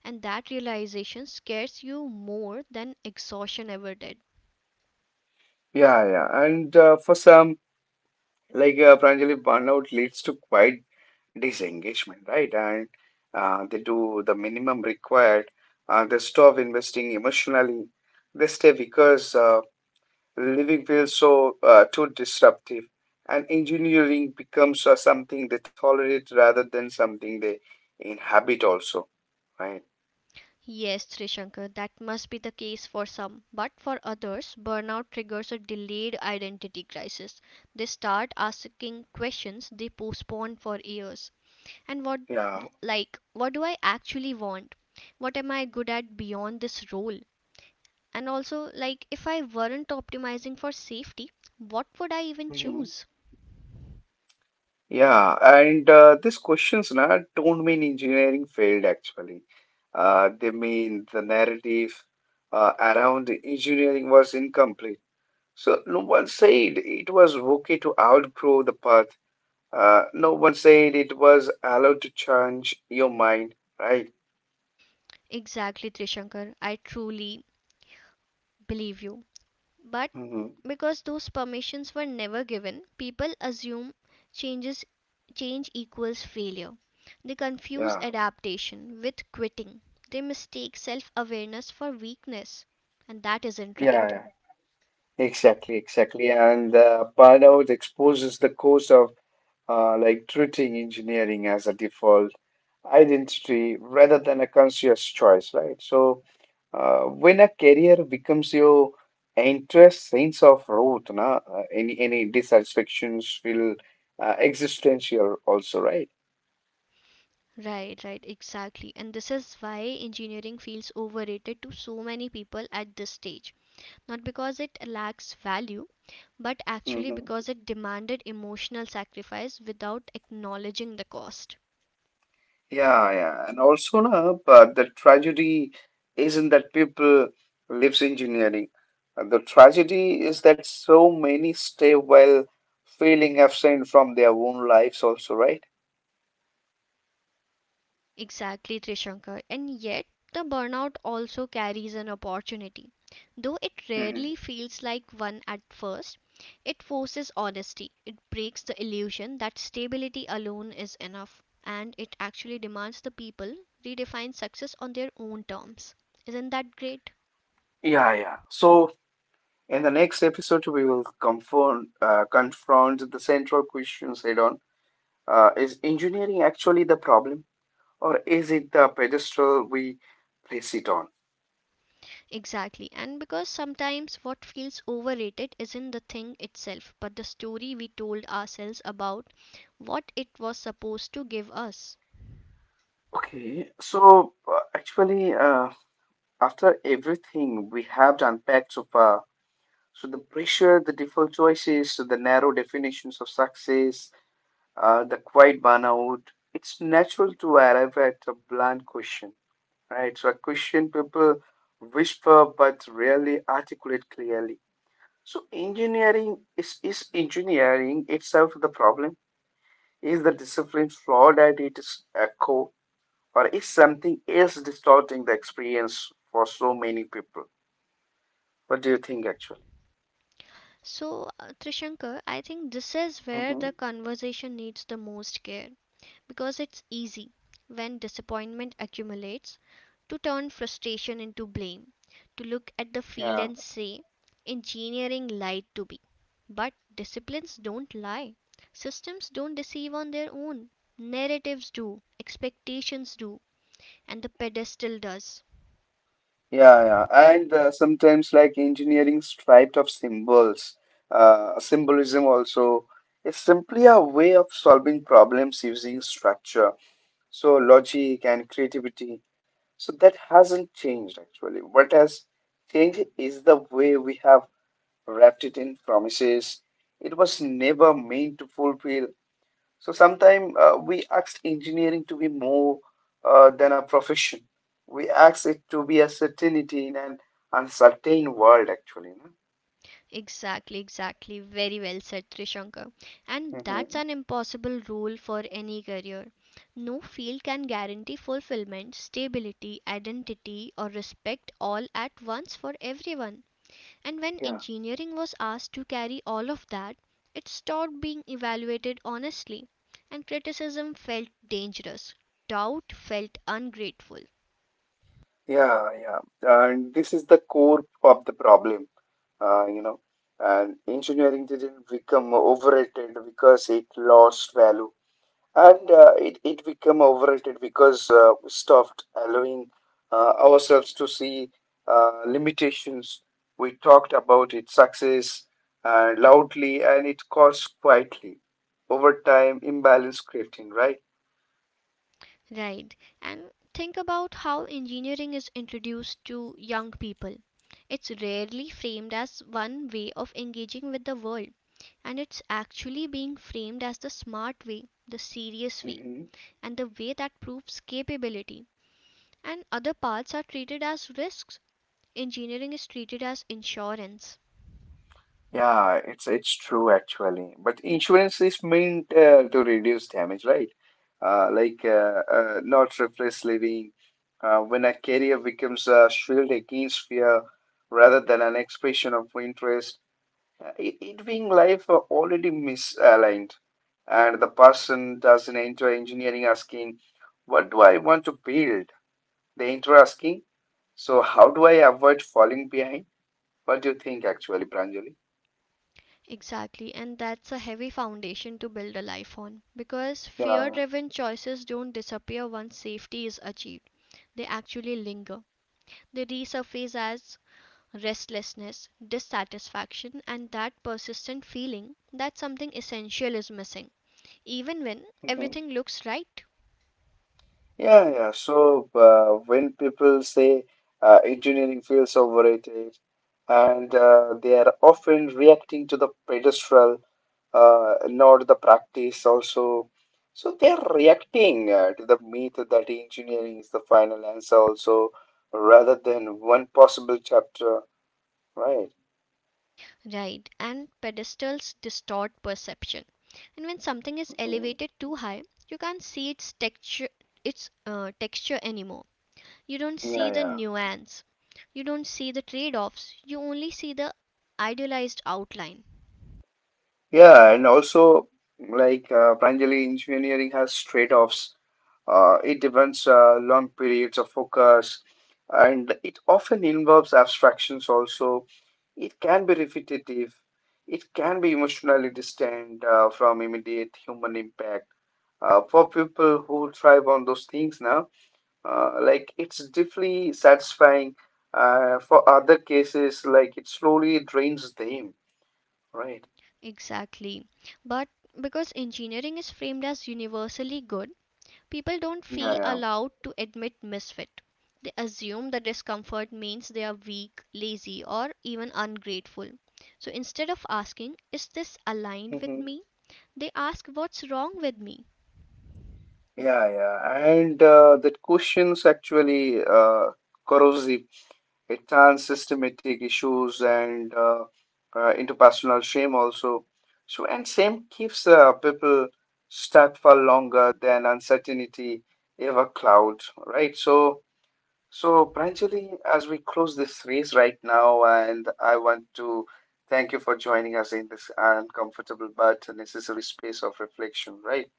Speaker 2: And that realization scares you more than exhaustion ever did.
Speaker 1: Yeah, yeah. And for some, Pranjali, burnout leads to quite disengagement, right? And they do the minimum required. They stop investing emotionally. They stay because living feels so too disruptive, and engineering becomes something they tolerate rather than something they inhabit. Also, right?
Speaker 2: Yes, Trishankar, that must be the case for some. But for others, burnout triggers a delayed identity crisis. They start asking questions they postpone for years, and what,
Speaker 1: Yeah.
Speaker 2: like, what do I actually want? What am I good at beyond this role? And also, like, if I weren't optimizing for safety, what would I even
Speaker 1: Mm-hmm.
Speaker 2: choose?
Speaker 1: Yeah, and these questions na, don't mean engineering failed actually. They mean the narrative around engineering was incomplete. So no one said it was okay to outgrow the path. No one said it was allowed to change your mind, right?
Speaker 2: Exactly, Trishankar, I truly believe you. But
Speaker 1: Hmm.
Speaker 2: because those permissions were never given, people assume changes change equals failure. They confuse
Speaker 1: Yeah,
Speaker 2: adaptation with quitting, they mistake self-awareness for weakness, and that isn't
Speaker 1: yeah,
Speaker 2: right.
Speaker 1: yeah. Exactly, exactly. And burnout exposes the cost of treating engineering as a default identity rather than a conscious choice, right? So when a career becomes your interest, sense of root, na, any dissatisfactions will existential also, right?
Speaker 2: Right, right, exactly. And this is why engineering feels overrated to so many people at this stage. Not because it lacks value, but actually
Speaker 1: Mm-hmm.
Speaker 2: because it demanded emotional sacrifice without acknowledging the cost.
Speaker 1: Yeah, yeah, and also na, but the tragedy isn't that people lives engineering. The tragedy is that so many stay well feeling absent from their own lives also, right?
Speaker 2: Exactly, Trishankar. And yet, the burnout also carries an opportunity. Though it
Speaker 1: Hmm.
Speaker 2: rarely feels like one at first, it forces honesty. It breaks the illusion that stability alone is enough. And it actually demands the people redefine success on their own terms. Isn't that great?
Speaker 1: Yeah, yeah. So in the next episode, we will confront the central questions head on. Is engineering actually the problem, or is it the pedestal we place it on?
Speaker 2: Exactly. And because sometimes what feels overrated isn't the thing itself, but the story we told ourselves about what it was supposed to give us.
Speaker 1: Okay, so after everything we have unpacked so far, so the pressure, the default choices, so the narrow definitions of success, the quiet burnout, it's natural to arrive at a blunt question, right? So a question people whisper but rarely articulate clearly. So engineering is engineering itself the problem? Is the discipline flawed at its core, or is something else distorting the experience for so many people? What do you think, actually?
Speaker 2: So, Trishankar, I think this is where
Speaker 1: Hmm.
Speaker 2: the conversation needs the most care because it's easy, when disappointment accumulates, to turn frustration into blame, to look at the field
Speaker 1: Yeah,
Speaker 2: and say, engineering lied to me. But disciplines don't lie, systems don't deceive on their own. Narratives do, expectations do, and the pedestal does.
Speaker 1: yeah, yeah. And sometimes, like engineering striped of symbols, symbolism also is simply a way of solving problems using structure. So, logic and creativity. So, that hasn't changed actually. What has changed is the way we have wrapped it in promises. It was never meant to fulfill. So sometimes we ask engineering to be more than a profession. We ask it to be a certainty in an uncertain world, actually. No?
Speaker 2: Exactly, exactly. Very well said, Trishankar. And that's
Speaker 1: Hmm.
Speaker 2: an impossible rule for any career. No field can guarantee fulfillment, stability, identity, or respect all at once for everyone. And when
Speaker 1: Yeah,
Speaker 2: engineering was asked to carry all of that, it stopped being evaluated honestly, and criticism felt dangerous. Doubt felt ungrateful.
Speaker 1: yeah, yeah. And this is the core of the problem, you know. And engineering didn't become overrated because it lost value and it became overrated because we stopped allowing ourselves to see limitations. We talked about its success loudly and it caused quietly. Over time, imbalance crept in, right?
Speaker 2: Right. And think about how engineering is introduced to young people. It's rarely framed as one way of engaging with the world, and it's actually being framed as the smart way, the serious way, and the way that proves capability. And other paths are treated as risks. Engineering is treated as insurance.
Speaker 1: Yeah, it's true actually. But insurance is meant to reduce damage, right? Not replace living. When a carrier becomes a shield against fear rather than an expression of interest, it being life are already misaligned, and the person doesn't enter engineering asking, "What do I want to build?" They enter asking, "So how do I avoid falling behind?" What do you think, actually, Pranjali?
Speaker 2: Exactly, and that's a heavy foundation to build a life on because fear driven choices don't disappear once safety is achieved. They actually linger. They resurface as restlessness, dissatisfaction, and that persistent feeling that something essential is missing, even when
Speaker 1: Yeah. (laughs)
Speaker 2: everything looks right.
Speaker 1: Yeah, yeah. So when people say engineering feels overrated, and they are often reacting to the pedestal, not the practice also. So they are reacting to the myth that engineering is the final answer also, rather than one possible chapter, right?
Speaker 2: Right, and pedestals distort perception. And when something is
Speaker 1: Mhm.
Speaker 2: elevated too high, you can't see its texture, its texture anymore. You don't see
Speaker 1: Yeah,
Speaker 2: the
Speaker 1: yeah.
Speaker 2: nuance. You don't see the trade-offs. You only see the idealized outline.
Speaker 1: Yeah, and also like Pranjali, engineering has trade-offs. It demands long periods of focus and it often involves abstractions also. It can be repetitive. It can be emotionally distant from immediate human impact. For people who thrive on those things now, like it's deeply satisfying. For other cases, like it slowly drains them, right?
Speaker 2: Exactly. But because engineering is framed as universally good, people don't feel
Speaker 1: Yeah,
Speaker 2: allowed to admit misfit. They assume the discomfort means they are weak, lazy, or even ungrateful. So instead of asking, is this
Speaker 1: yeah.
Speaker 2: aligned
Speaker 1: Hmm.
Speaker 2: with me? They ask, what's wrong with me?
Speaker 1: Yeah, yeah. And that questions actually corrosive. It trans systematic issues and interpersonal shame also. So and shame keeps people stuck for longer than uncertainty ever cloud, right? So so Pranjali, as we close this race right now, and I want to thank you for joining us in this uncomfortable but necessary space of reflection, right?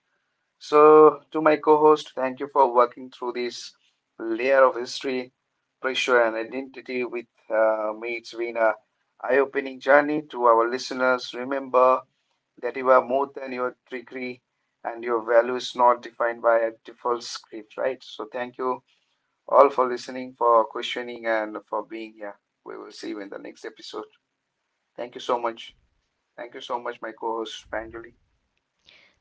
Speaker 1: So, to my co host, thank you for working through this layer of history, pressure, and identity with me. It's been a eye opening journey to our listeners. Remember that you are more than your degree and your value is not defined by a default script, right? So, thank you all for listening, for questioning, and for being here. We will see you in the next episode. Thank you so much. Thank you so much, my co host, Panjali.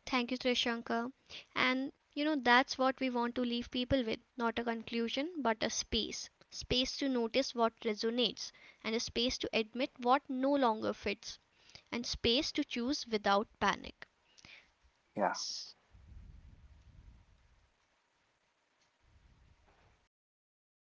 Speaker 2: Thank you, Trishanka. And you know, that's what we want to leave people with, not a conclusion, but a space. Space to notice what resonates, and a space to admit what no longer fits, and space to choose without panic.
Speaker 1: Yeah,